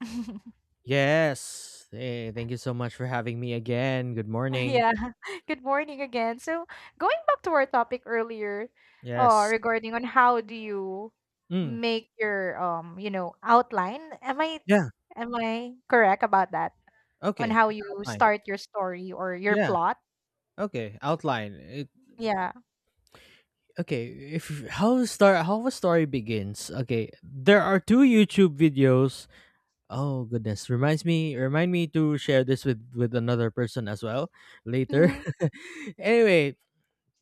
Yes. Hey, thank you so much for having me again. Good morning. Yeah, good morning again. So, going back to our topic earlier, Yes. regarding on how do you Mm. make your outline? Am I Yeah. am I correct about that? On Okay. how you Outline. start your story or your Yeah. plot? Okay. Outline. Yeah. Okay. If how a story begins. Okay. There are two YouTube videos. Oh goodness. Reminds me. Remind me to share this with another person as well later. Mm-hmm. Anyway,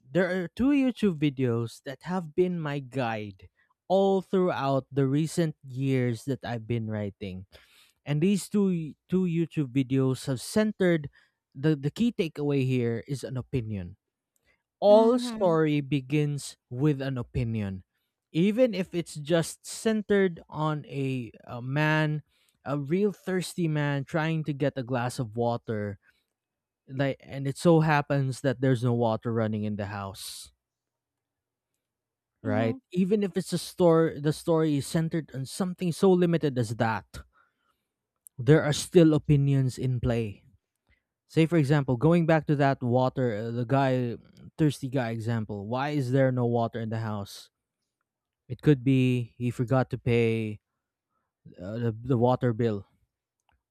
there are two YouTube videos that have been my guide all throughout the recent years that I've been writing. And these two YouTube videos have centered, the key takeaway here is an opinion. All Mm-hmm. story begins with an opinion, even if it's just centered on a man, a real thirsty man trying to get a glass of water. Like, and it so happens that there's no water running in the house, right? Mm-hmm. Even if it's a story, the story is centered on something so limited as that. There are still opinions in play. Say for example, going back to that water, the guy, thirsty guy example. Why is there no water in the house? It could be he forgot to pay the water bill,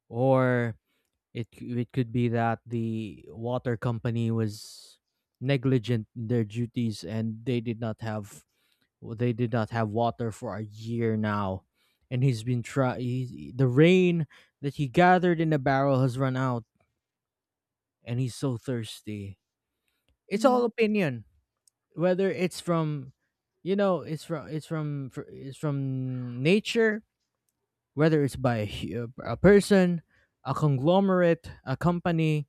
or it could be that the water company was negligent in their duties and they did not have water for a year now, and he's been try he, the rain that he gathered in a barrel has run out, and he's so thirsty. It's all opinion, whether it's from, it's from nature, whether it's by a person, a conglomerate, a company.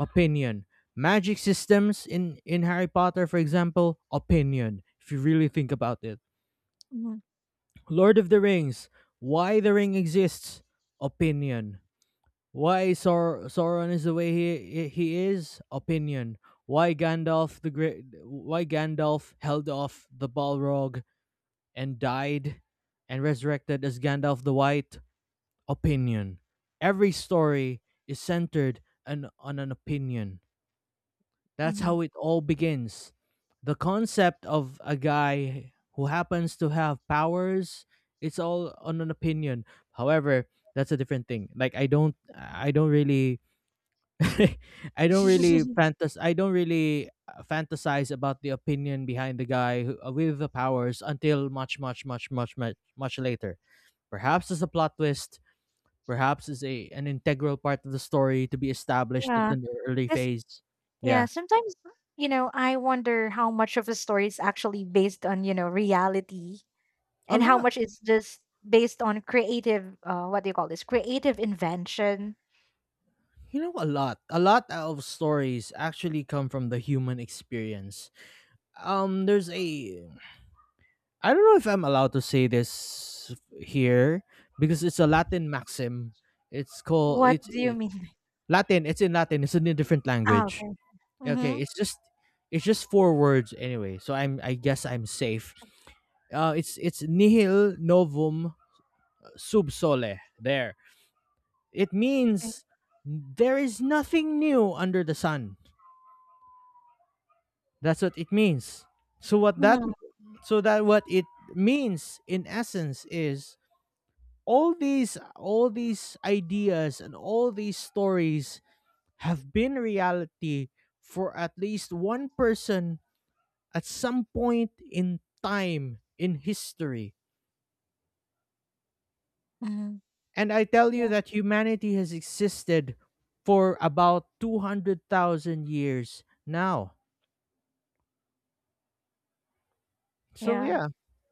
Opinion. Magic systems in Harry Potter, for example, opinion, if you really think about it. Mm-hmm. Lord of the Rings, why the ring exists, opinion. Why Sauron is the way he is, opinion. Why Gandalf held off the Balrog and died and resurrected as Gandalf the White? Opinion. Every story is centered on an opinion. That's Mm-hmm. how it all begins. The concept of a guy who happens to have powers, it's all on an opinion. However, that's a different thing. Like, I don't really I don't really fantas I don't really uh, fantasize about the opinion behind the guy who, with the powers until much much much much much much later. Perhaps as a plot twist, perhaps as a an integral part of the story to be established at Yeah. an early Yes. phase. Yeah. Yeah. Sometimes, I wonder how much of a story is actually based on reality, A and how lot. much is just based on creative, what do you call this, creative invention. You know a lot. A lot of stories actually come from the human experience. There's a I don't know if I'm allowed to say this here because it's a Latin maxim. What It's do you mean? Latin, it's in a different Ah, language. okay. Mm-hmm. Okay, it's just four words anyway. So I guess I'm safe. It's nihil novum sub sole. There, it Okay. means there is nothing new under the sun. That's what it means. So what that Mm-hmm. so that what it means in essence is, all these ideas and all these stories have been reality for at least one person at some point in time in history. Mm-hmm. And I tell you Yeah, that humanity has existed for about 200,000 years now. So yeah, yeah.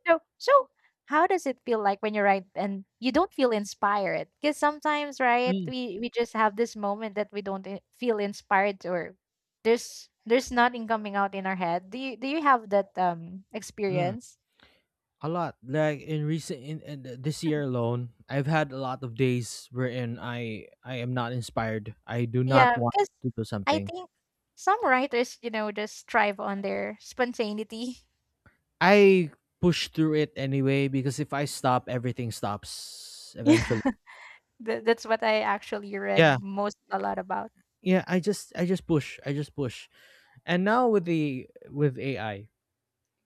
so how does it feel like when you write and you don't feel inspired? Because sometimes, right, mm, we just have this moment that we don't feel inspired, or there's nothing coming out in our head. Do you have that mm, experience? a lot. Like in recent in th- this year alone, I've had a lot of days wherein I am not inspired. I do not Yeah, want because to do I something. think some writers just thrive on their spontaneity. I push through it anyway because if I stop, everything stops Yeah, eventually. that's what I actually read, Yeah. most a lot about. Yeah, I just push. I just push. And now with the with AI,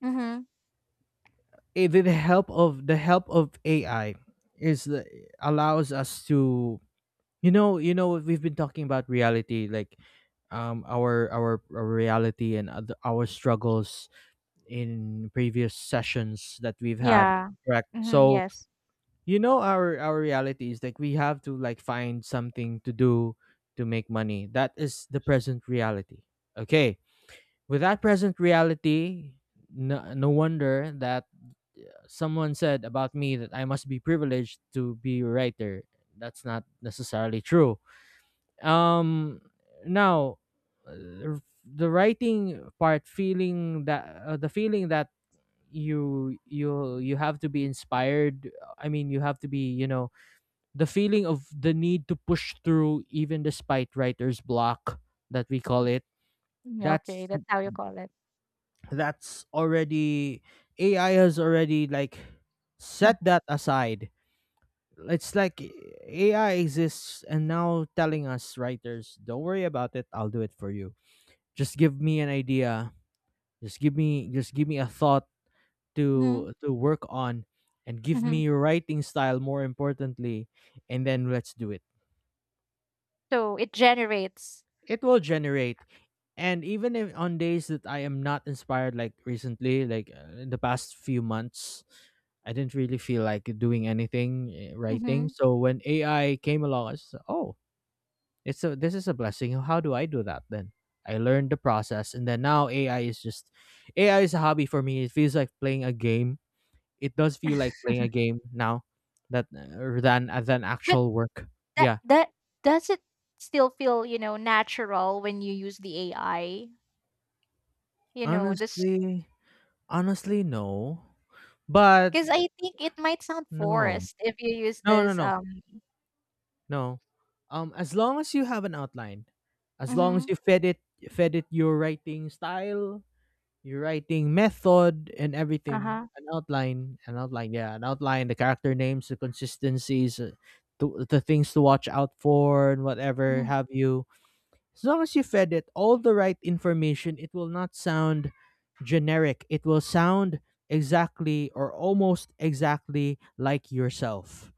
Mm-hmm. With the help of AI is, allows us to, we've been talking about reality like, our reality and our struggles in previous sessions that we've had, Yeah. correct? Mm-hmm. So Yes. Our reality is like, we have to like find something to do to make money. That is the present reality, okay. With that present reality, no wonder that someone said about me that I must be privileged to be a writer. That's not necessarily true. Um, now, uh, the writing part, feeling that the feeling that you have to be inspired. I mean, you have to be you know the feeling of the need to push through even despite writer's block, that we call it. Mm, okay, That's that's how you call it. that's already AI has already like set that aside. It's like AI exists and now telling us writers, don't worry about it, I'll do it for you. Just give me an idea. Just give me a thought Mm-hmm. To work on, and give Mm-hmm. me your writing style, more importantly, and then let's do it. So it generates. It will generate. And even if on days that I am not inspired, like recently, like in the past few months, I didn't really feel like doing anything, writing. Mm-hmm. So when AI came along, I said, oh, it's a this is a blessing. How do I do that, then? I learned the process, and then now AI is a hobby for me. It feels like playing a game. It does feel like playing a game now, that than But actual work. that Yeah. that does it still feel natural when you use the AI? You know, this Honestly, no, but. because I think it might sound No. forced if you use No, no, this. no. No. As long as you have an outline, as long as Mm-hmm. you fed it your writing style, your writing method, and Uh everything, huh. an outline, yeah, an outline, the character names, the consistencies, the things to watch out for, and whatever have you. As long as you fed it all the right information, it will not sound generic. It will sound exactly, or almost exactly, like yourself.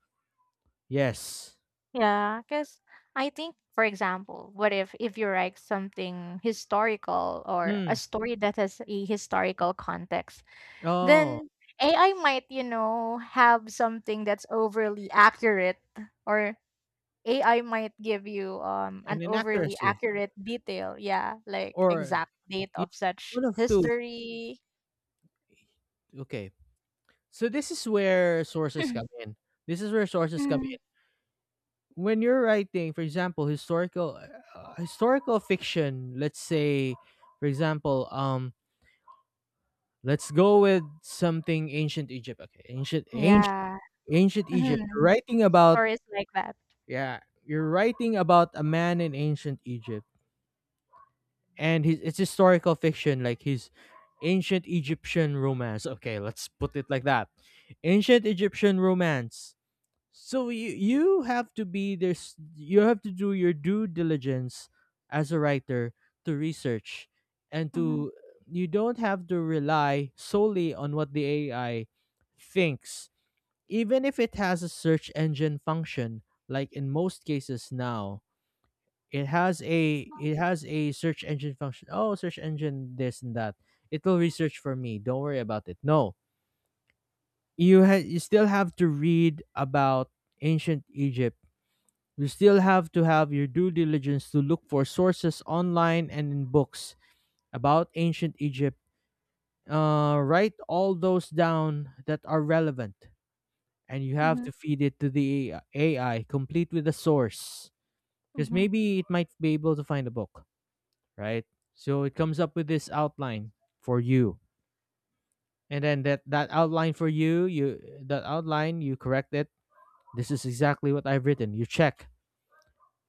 Yes. Yeah, cause I think, for example, what if you write something historical or a Mm. story that has a historical context, Oh, then AI might have something that's overly accurate, or AI might give you an an overly inaccuracy, accurate detail. Yeah, like or, exact date yeah, of such one of two. history. Okay. So this is where sources come in. This is where sources come Mm. in. When you're writing, for example, historical, historical fiction, let's say, for example, let's go with something ancient Egypt. Okay. Yeah. Ancient Egypt. You're Mhm. writing about, Stories like that. yeah, you're writing about a man in ancient Egypt. And his it's historical fiction, like his ancient Egyptian romance, okay, let's put it like that. Ancient Egyptian romance. So you have to do your due diligence as a writer to research, and Mhm. to you don't have to rely solely on what the AI thinks, even if it has a search engine function, like in most cases now. It has a search engine function. Oh, search engine this and that. It will research for me. Don't worry about it. No. You still have to read about ancient Egypt. You still have to have your due diligence to look for sources online and in books about ancient Egypt. Write all those down that are relevant, and you have Mhm. to feed it to the AI complete with the source, because maybe it might be able to find a book. Right? So it comes up with this outline for you. And then that outline, you correct it. This is exactly what I've written. You check.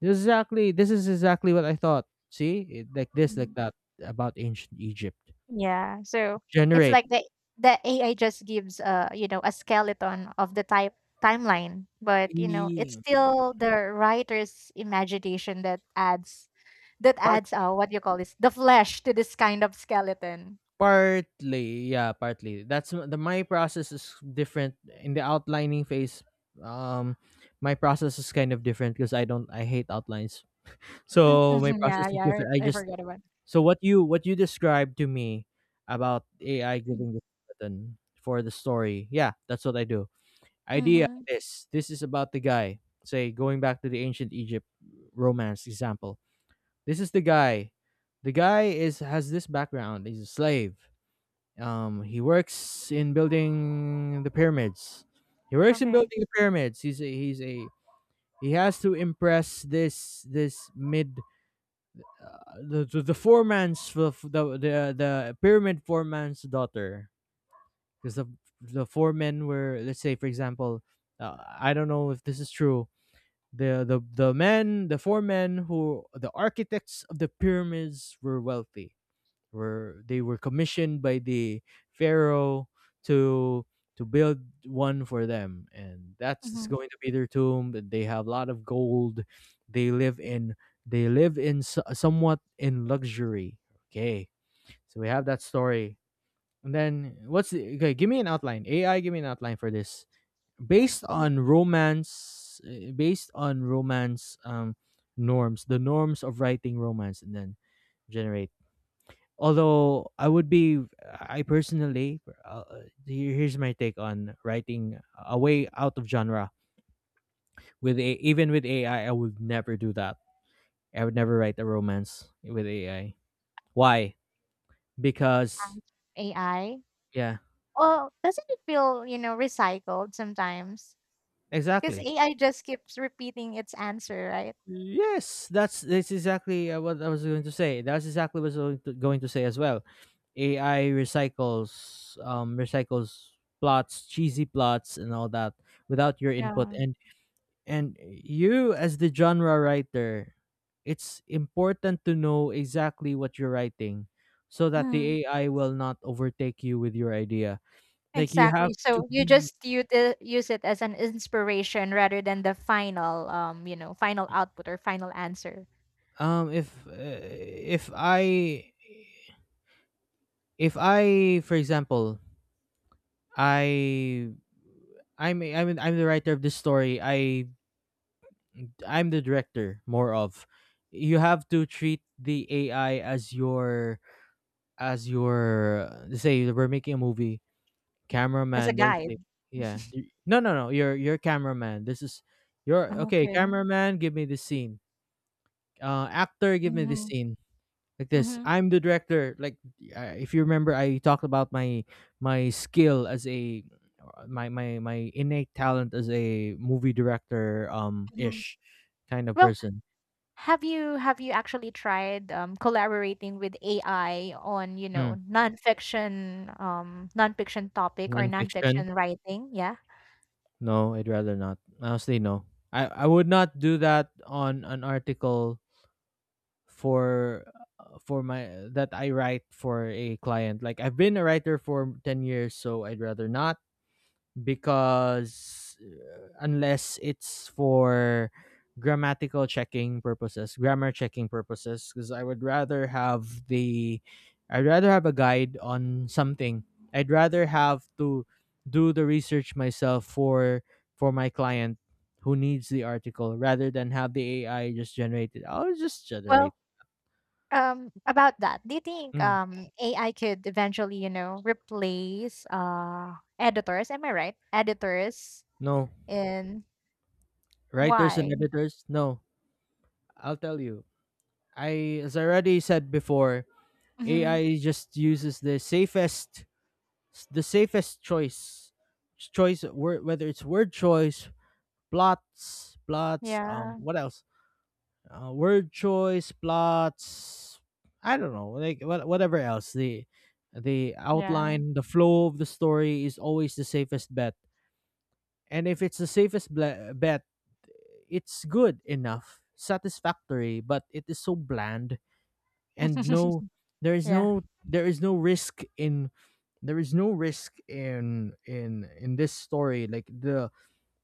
This is exactly what I thought. See? Like this, like Mhm. that, about ancient Egypt. Yeah, so it's Generate. like the AI just gives a skeleton of the type timeline, but it's E- still the writer's imagination that adds that Part, adds, uh, what do you call this? The flesh to this kind of skeleton. partly, yeah, partly. That's, m- the my process is different in the outlining phase. Um my process is kind of different because I don't I hate outlines. So my Mhm, yeah, process is yeah, right, different. I I just. forgot about it. So what you described to me about AI giving the button for the story, yeah, that's what I do. Idea, Mhm, this is about the guy. Say going back to the ancient Egypt romance example. This is the guy. The guy is has this background. He's a slave. He works in building the pyramids. He works in okay. building the pyramids. He's a he has to impress this this mid the four man's the pyramid four man's daughter, because the four men were, let's say for example, I don't know if this is true, the four men who the architects of the pyramids were wealthy, were they were commissioned by the pharaoh to build one for them, and that's just Mhm, going to be their tomb, and they have a lot of gold. They live in somewhat in luxury. Okay, so we have that story. And then okay, give me an outline. AI, give me an outline for this okay. based on romance, based on romance norms, the norms of writing romance, and then generate. Although I would be, I personally, here's my take on writing a way out of genre with a, even with AI, I would never do that. I would never write a romance with AI. Why? Because, Um, AI. yeah, Oh, doesn't it feel recycled sometimes? Because exactly. AI just keeps repeating its answer, right? Yes, that's what I was going to say. That's exactly what I was going going to say as well. AI recycles, recycles plots, cheesy plots, and all that without your input. Yeah. And. And you, as the genre writer, it's important to know exactly what you're writing so that the Mhm. AI will not overtake you with your idea. Like, you have Exactly. to So you be, just use it as an inspiration rather than the final output, or final answer, if I, if I for example, I, I'm I'm the writer of this story. I, I'm the director more of. You have to treat the AI as your, as your, let's say we're making a movie. as a Cameraman, there's the, guide. yeah, no, no, no. You're cameraman. This is your, okay. Okay. Cameraman, give me the scene. Actor, give me the Mm-hmm. scene. Like this. Mm-hmm. I'm the director. Like, if you remember, I talked about my, my skill as a, my innate talent as a movie director, um, Hmm. ish kind of Well, person. have you actually tried collaborating with AI on Mm. nonfiction topic, or Nonfiction. nonfiction writing? Yeah. No, I'd rather not. Honestly, no. I would not do that on an article for, for my, that I write for a client. Like, I've been a writer for 10 years, so I'd rather not, because, unless it's for grammatical checking purposes, grammar checking purposes, because I would rather have the, I'd rather have a guide on something. I'd rather have to do the research myself for my client who needs the article, rather than have the AI just generate it. I'll just generate. Well, about that, do you think Mm. AI could eventually replace editors? Am I right? Editors No. in, Writers and why? editors? No. I'll tell you. I, as I already said before, Mm-hmm. AI just uses the safest, the safest choice, choice word, whether it's word choice, plots, plots, Yeah, what else? Word choice, plots. I don't know, like what, whatever else. The yeah, outline, the flow of the story is always the safest bet. And if it's the safest bet, it's good enough, satisfactory, but it is so bland, and no, there is yeah. no, there is no risk in, there is no risk in in this story. Like,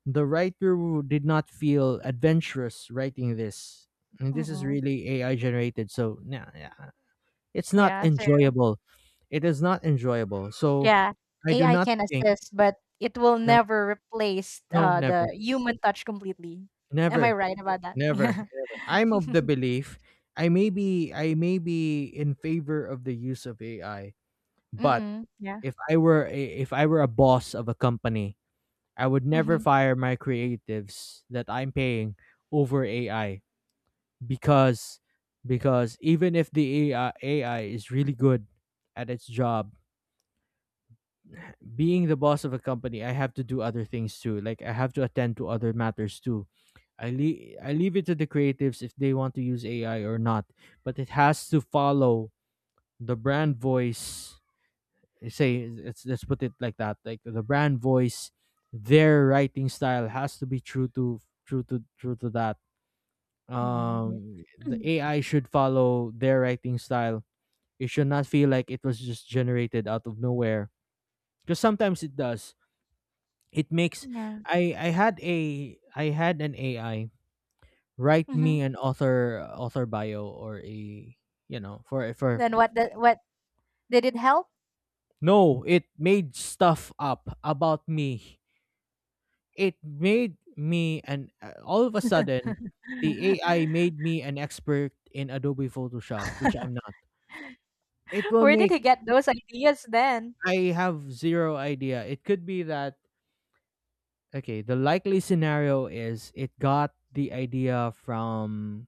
the writer did not feel adventurous writing this, and this is Mm-mm. really AI generated, so yeah, yeah, it's not Yeah. So enjoyable. It is not enjoyable, so yeah, I do AI not can think, assist, but it will no, never replace no, the never, human touch completely. Am I never. right about that? Never, Yeah. never. I'm of the belief, I may be in favor of the use of AI, but Mm-mm. Yeah. if I were a, if I were a boss of a company, I would never Mm-hmm. fire my creatives that I'm paying over AI, because because even if the AI is really good at its job, being the boss of a company, I have to do other things too. Like, I have to attend to other matters too. I leave it to the creatives if they want to use AI or not, but it has to follow the brand voice. Eh, say, let's put it like that. Like, the brand voice, their writing style has to be true to, true to that. Mm-mm. Yeah. The AI should follow their writing style. It should not feel like it was just generated out of nowhere. Because sometimes it does, it makes, Yeah. I had a I had an AI write Mm-hmm. me an author bio, or a, you know, for, Then what? What did it help? no, it made stuff up about me. It made me, and all of a sudden the AI made me an expert in Adobe Photoshop, which I'm not. It will Where did make, he get those ideas then? I have zero idea. It could be that, okay, the likely scenario is it got the idea from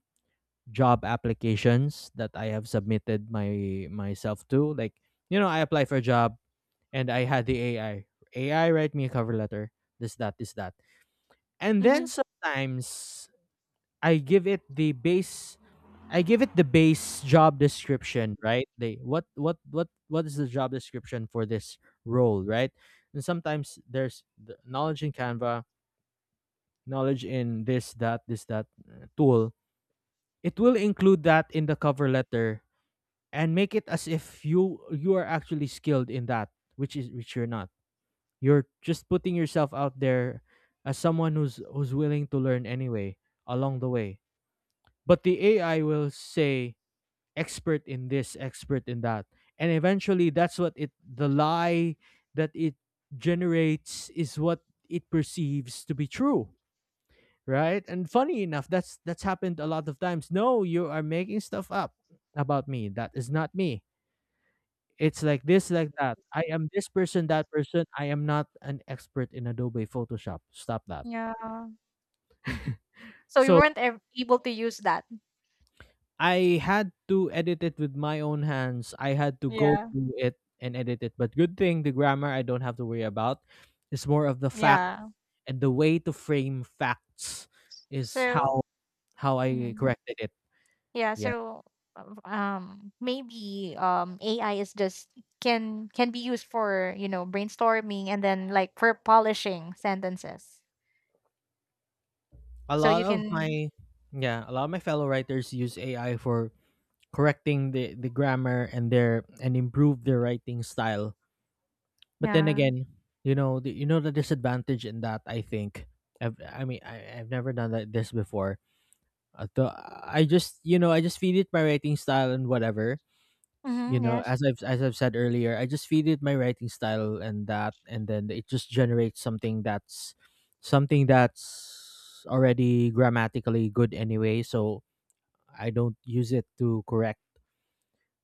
job applications that I have submitted my myself to. Like, you know, I apply for a job, and I had the AI, AI write me a cover letter. This, that, this, that. And then Mhm. sometimes I give it the base, I give it the base job description, right? They, what is the job description for this role, right? And sometimes there's the knowledge in Canva, knowledge in this, that tool. It will include that in the cover letter and make it as if you are actually skilled in that, which is, which you're not. You're just putting yourself out there as someone who's willing to learn anyway along the way. But the AI will say expert in this, expert in that, and eventually that's what it, the lie that it generates is what it perceives to be true. Right, and funny enough, that's happened a lot of times. No, you are making stuff up about me that is not me. It's like this, like that. I am this person, that person. I am not an expert in Adobe Photoshop. Stop that. Yeah. So you So weren't able to use that. I had to edit it with my own hands. I had to go Yeah. through it and edit it. But good thing, the grammar I don't have to worry about. It's more of the fact Yeah. and the way to frame facts is So. how I Mhm. corrected it. Yeah. Yeah. So, maybe AI is just, can be used for brainstorming, and then like for polishing sentences. A So lot you of can, my, yeah, a lot of my fellow writers use AI for correcting the grammar and improve their writing style. But then yeah. again, you know, you know the disadvantage in that. I think. I've, I mean, I've never done that this before. The, I just, you know, I just feed it my writing style and whatever. You Mm-hmm, know, yes. as I've said earlier, I just feed it my writing style and that, and then it just generates something that's already grammatically good anyway. So I don't use it to correct.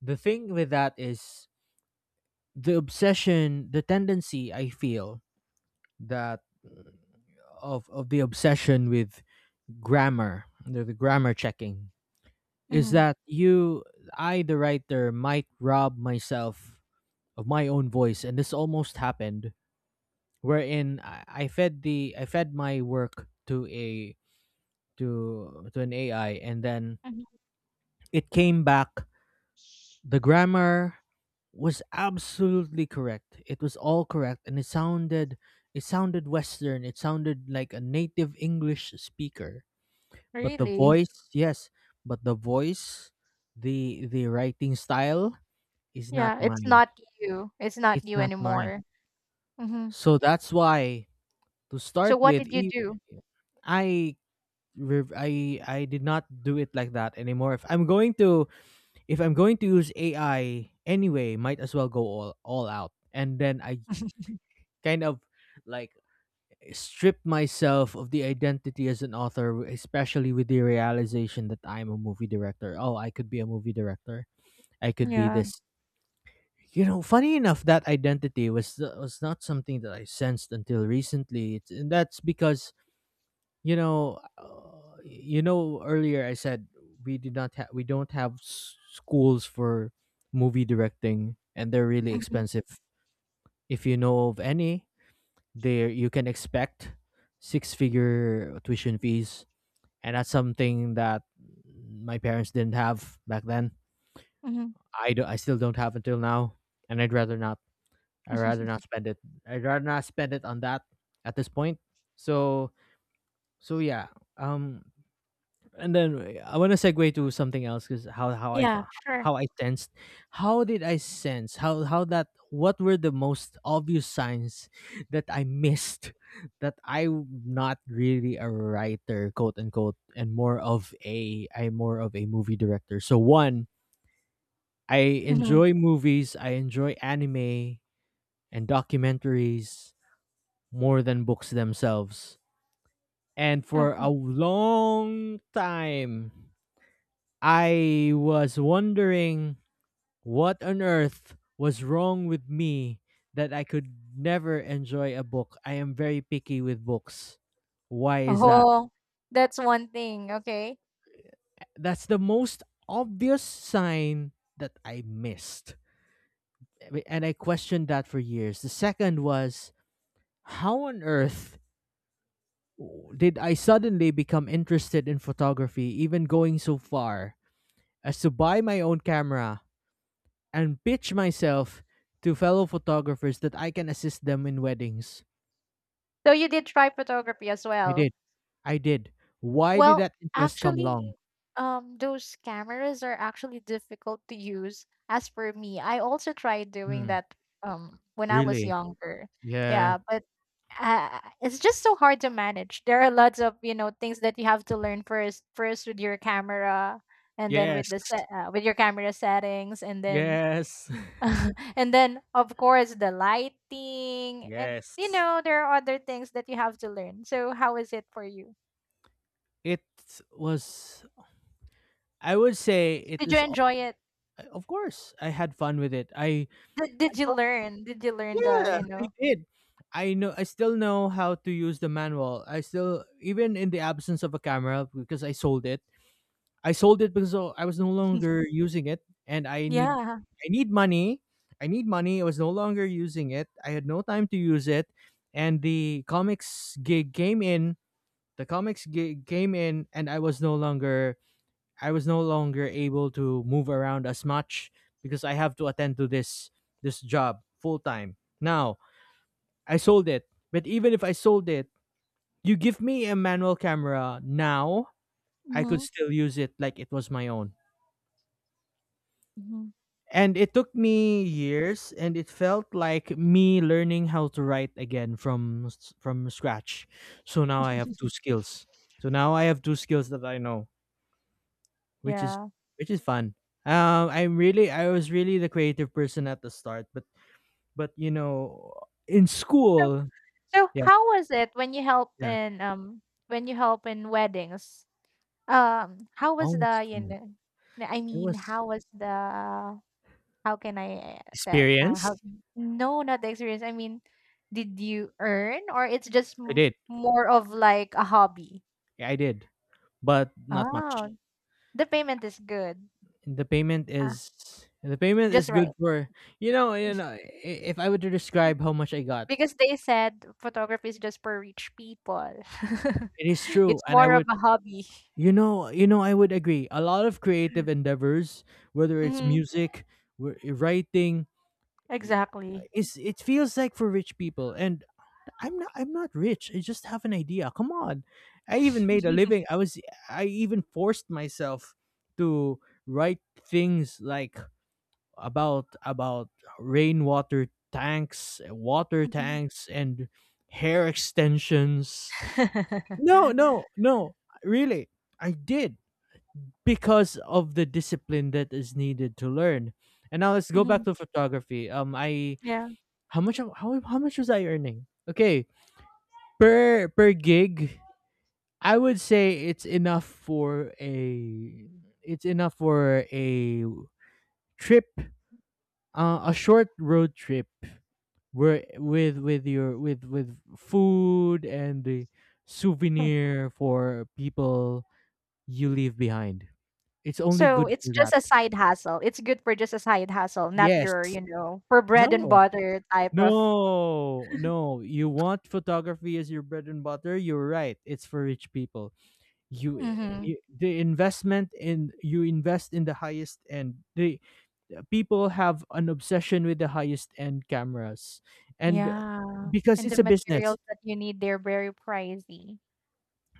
The thing with that is, the obsession, the tendency I feel that, uh, of the obsession with grammar, the grammar checking, is Mm-hmm. that you, I, the writer might rob myself of my own voice. And this almost happened wherein I fed the, I fed my work to a, to an AI, and then Hmm. it came back, the grammar was absolutely correct, it was all correct, and it sounded, it sounded western, it sounded like a native English speaker. But the Really. voice, yes, but the voice, the writing style is not Yeah. It's mine. not you. It's not It's you not mine. anymore. Mm-hmm. So that's why, to So start what with, did you even, do? I I did not do it like that anymore. If I'm going to, if I'm going to use AI anyway, might as well go all out. And then I kind of like strip myself of the identity as an author, especially with the realization that I'm a movie director. Oh, I could be a movie director, I could be Yeah. this. You know, funny enough, that identity was not something that I sensed until recently. It's, and that's because, you know, earlier I said we did not have, we don't have schools for movie directing, and they're really Mhm, expensive. If you know of any, there you can expect 6 figure tuition fees, and that's something that my parents didn't have back then. mhm. I do, I still don't have until now, and I'd rather not, I'd rather not spend it. I'd rather not spend it on that at this point. So, so yeah. Um, and then I want to segue to something else, because how I Yeah, sure. how I sensed, how did I sense, how that, what were the most obvious signs that I missed that I'm not really a writer, quote unquote, and more of a, I'm more of a movie director. So, one, I Mhm, enjoy movies. I enjoy anime and documentaries more than books themselves. And for okay. a long time, I was wondering what on earth was wrong with me, that I could never enjoy a book. I am very picky with books. Why is that? Oh, that's one thing, okay. That's the most obvious sign that I missed. And I questioned that for years. The second was, how on earth did I suddenly become interested in photography, even going so far as to buy my own camera and pitch myself to fellow photographers that I can assist them in weddings. So you did try photography as I well. did. I did. Why did Well, that interest come actually, along? Those cameras are actually difficult to use. As for me, I also tried doing Hmm, that when I was really? younger. Yeah. Yeah, but, it's just so hard to manage. There are lots of, things that you have to learn first, with your camera, and then with Yes. the set, uh, with your camera settings, and then Yes. and then of course the lighting, and Yes. There are other things that you have to learn. So how is it for you? It was, I would say it Did you is enjoy it? of course I had fun with it. I did, did you I learn did you learn The yeah, you I know did. I know I still know how to use the manual. I still, even in the absence of a camera, because I sold it. I sold it because, oh, I was no longer using it and I need, Yeah. I need money. I need money. I was no longer using it. I had no time to use it, and the comics gig came in. The comics gig came in, and I was no longer, I was no longer able to move around as much because I have to attend to this, this job full time. Now, I sold it. But even if I sold it, you give me a manual camera now, I could Hmm. still use it like it was my own. Hmm. And it took me years, and it felt like me learning how to write again from from scratch. So now I have two skills. So now I have two skills that I know, which is Yeah. which is fun. I was really the creative person at the start, but but you know, in so, school, so yeah, how was it yeah. When you help in weddings? How was Oh, the... it's fun. I It mean, was how was the... How can I, tell? Experience. how... No, not the experience. I mean, did you earn, or it's just I did. more of like a hobby? I did, but not much. Oh, the payment is good. Ah, The payment just is right. good for you know you know i- if I were to describe how much I got, Because they said photography is just for rich people. it is true, It's and I more of would a hobby. I would agree. A lot of creative endeavors, whether it's Hmm. music, writing, y- Exactly. is it feels like for rich people, and I'm not rich. I just have an idea. Come on, I even made a living. I was I even forced myself to write things like about rainwater tanks, water Mhm. tanks, and hair extensions. No, no, no. Really, I did, because of the discipline that is needed to learn. And now let's go back Mhm. to photography. I Yeah. How much was I earning? Okay, per gig, I would say it's enough for a it's enough for a trip, a short road trip where with your with food and the souvenir for people you leave behind. It's only So good it's for just that. a side hustle. It's good for just a side hustle, not Yes. your, for bread and No. butter type of. No. No. You want photography as your bread and butter. You're right. It's for rich people. You, Mhm. you the investment in you invest in the highest end. The The people have an obsession with the highest end cameras, and Yeah, because and it's the a business. materials that you need, they're very pricey.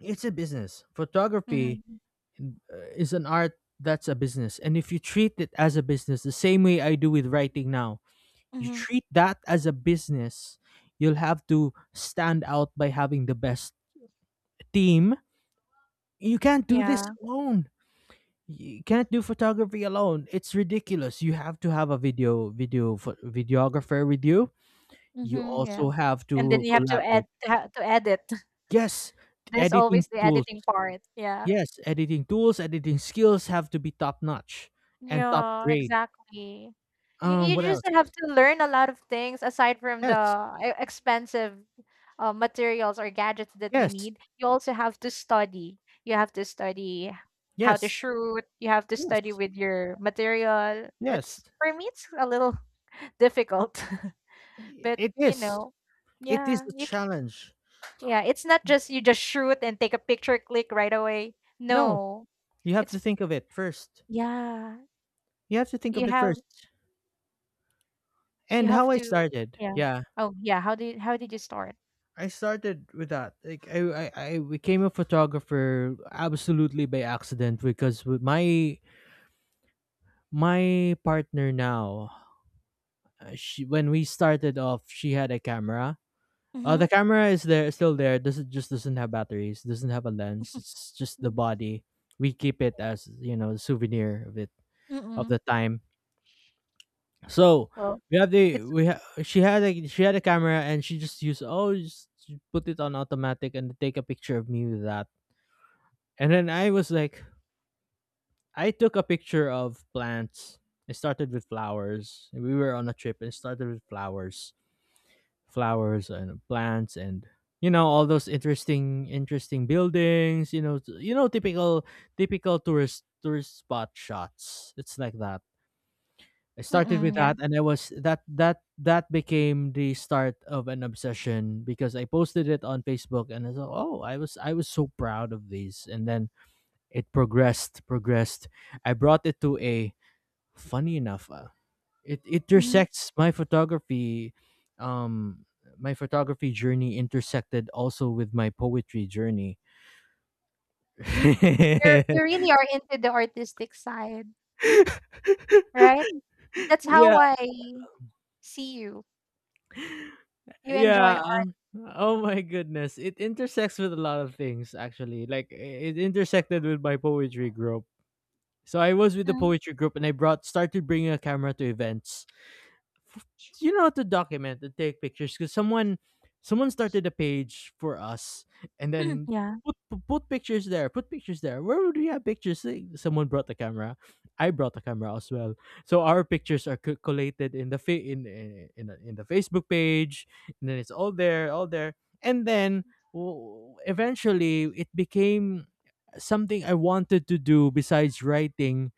It's a business. Photography Mhm, is an art that's a business. And if you treat it as a business, the same way I do with writing now, you mhm, treat that as a business, you'll have to stand out by having the best team. You can't do this yeah, alone. You can't do photography alone. It's ridiculous. You have to have a videographer with you. You mhm, yeah, also have and then to you have to add collaborate. To edit. Yes, There's editing always the tools editing part, yeah. Yes, editing tools, editing skills have to be top notch and top Yeah, grade. exactly. You you What just else? have to learn a lot of things, aside from the Yes, e expensive, materials or gadgets that you yes, need. You also have to study. You have to study how to yes, shoot. You have to study yes, with your material. yes. It's for me, it's a little difficult. But, It is. It is yeah, a you challenge. Yeah, it's not just you just shoot and take a picture, click right away. No, No, you have it's, to think of it first. yeah, You have to think you of it have first. you And have how I to started, yeah. yeah, Oh yeah, how did you start? I started with that. Like I became a photographer absolutely by accident because with my my partner now, she when we started off, she had a camera. The Mm-hmm. camera is there, still there. Doesn't have batteries. Doesn't have a lens. It's just the body. We keep it as, you know, the souvenir of it of the Mm-mm. time. So Well, we have the it's she had a camera, and she just used, oh, just put it on automatic and take a picture of me with that. And then I was like, I took a picture of plants. It started with flowers. We were on a trip, and it started with flowers and plants and, you know, all those interesting buildings, you know, you know, typical tourist spot shots. It's like that. I started with mm-mm, yeah. that, and I was that became the start of an obsession because I posted it on Facebook, and I thought, oh, I was so proud of these. And then it progressed. I brought it to a funny enough. It Mm-hmm. intersects my photography, um my photography journey intersected also with my poetry journey. You really are into the artistic side, right? That's how Yeah, I see you. You enjoy yeah, art. oh my goodness, it intersects with a lot of things, actually. Like it intersected with my poetry group. So I was with the Mhm. poetry group, and I brought started bringing a camera to events f- you know, to document and take pictures because someone started a page for us. And then Yeah. Put pictures there, where would we have pictures? Like, someone brought the camera, I brought the camera as well, so our pictures are collated in the in the Facebook page. And then it's all there. And then eventually it became something I wanted to do besides writing.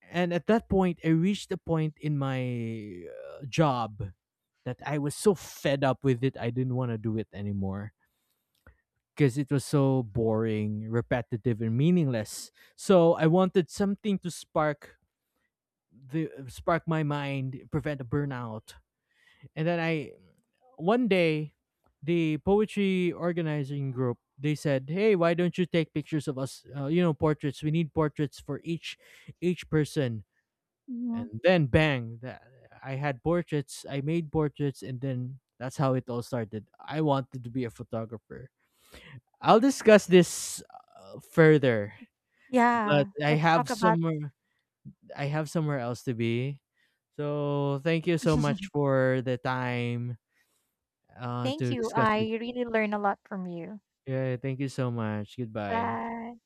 And at that point I reached a point in my job that I was so fed up with it, I didn't want to do it anymore because it was so boring, repetitive, and meaningless. So I wanted something to spark the spark my mind, prevent a burnout. And then I one day, the poetry organizing group, they said, hey, why don't you take pictures of us? You know, portraits, we need portraits for each person. And Mhm. then bang, that, I had portraits, I made portraits, and then that's how it all started. I wanted to be a photographer. I'll discuss this, further, but Yeah. I Let's have talk about... somewhere else to be. So thank you so much for the time, Thank to you. discuss it. I really learned a lot from you. Yeah, thank you so much, goodbye. Bye.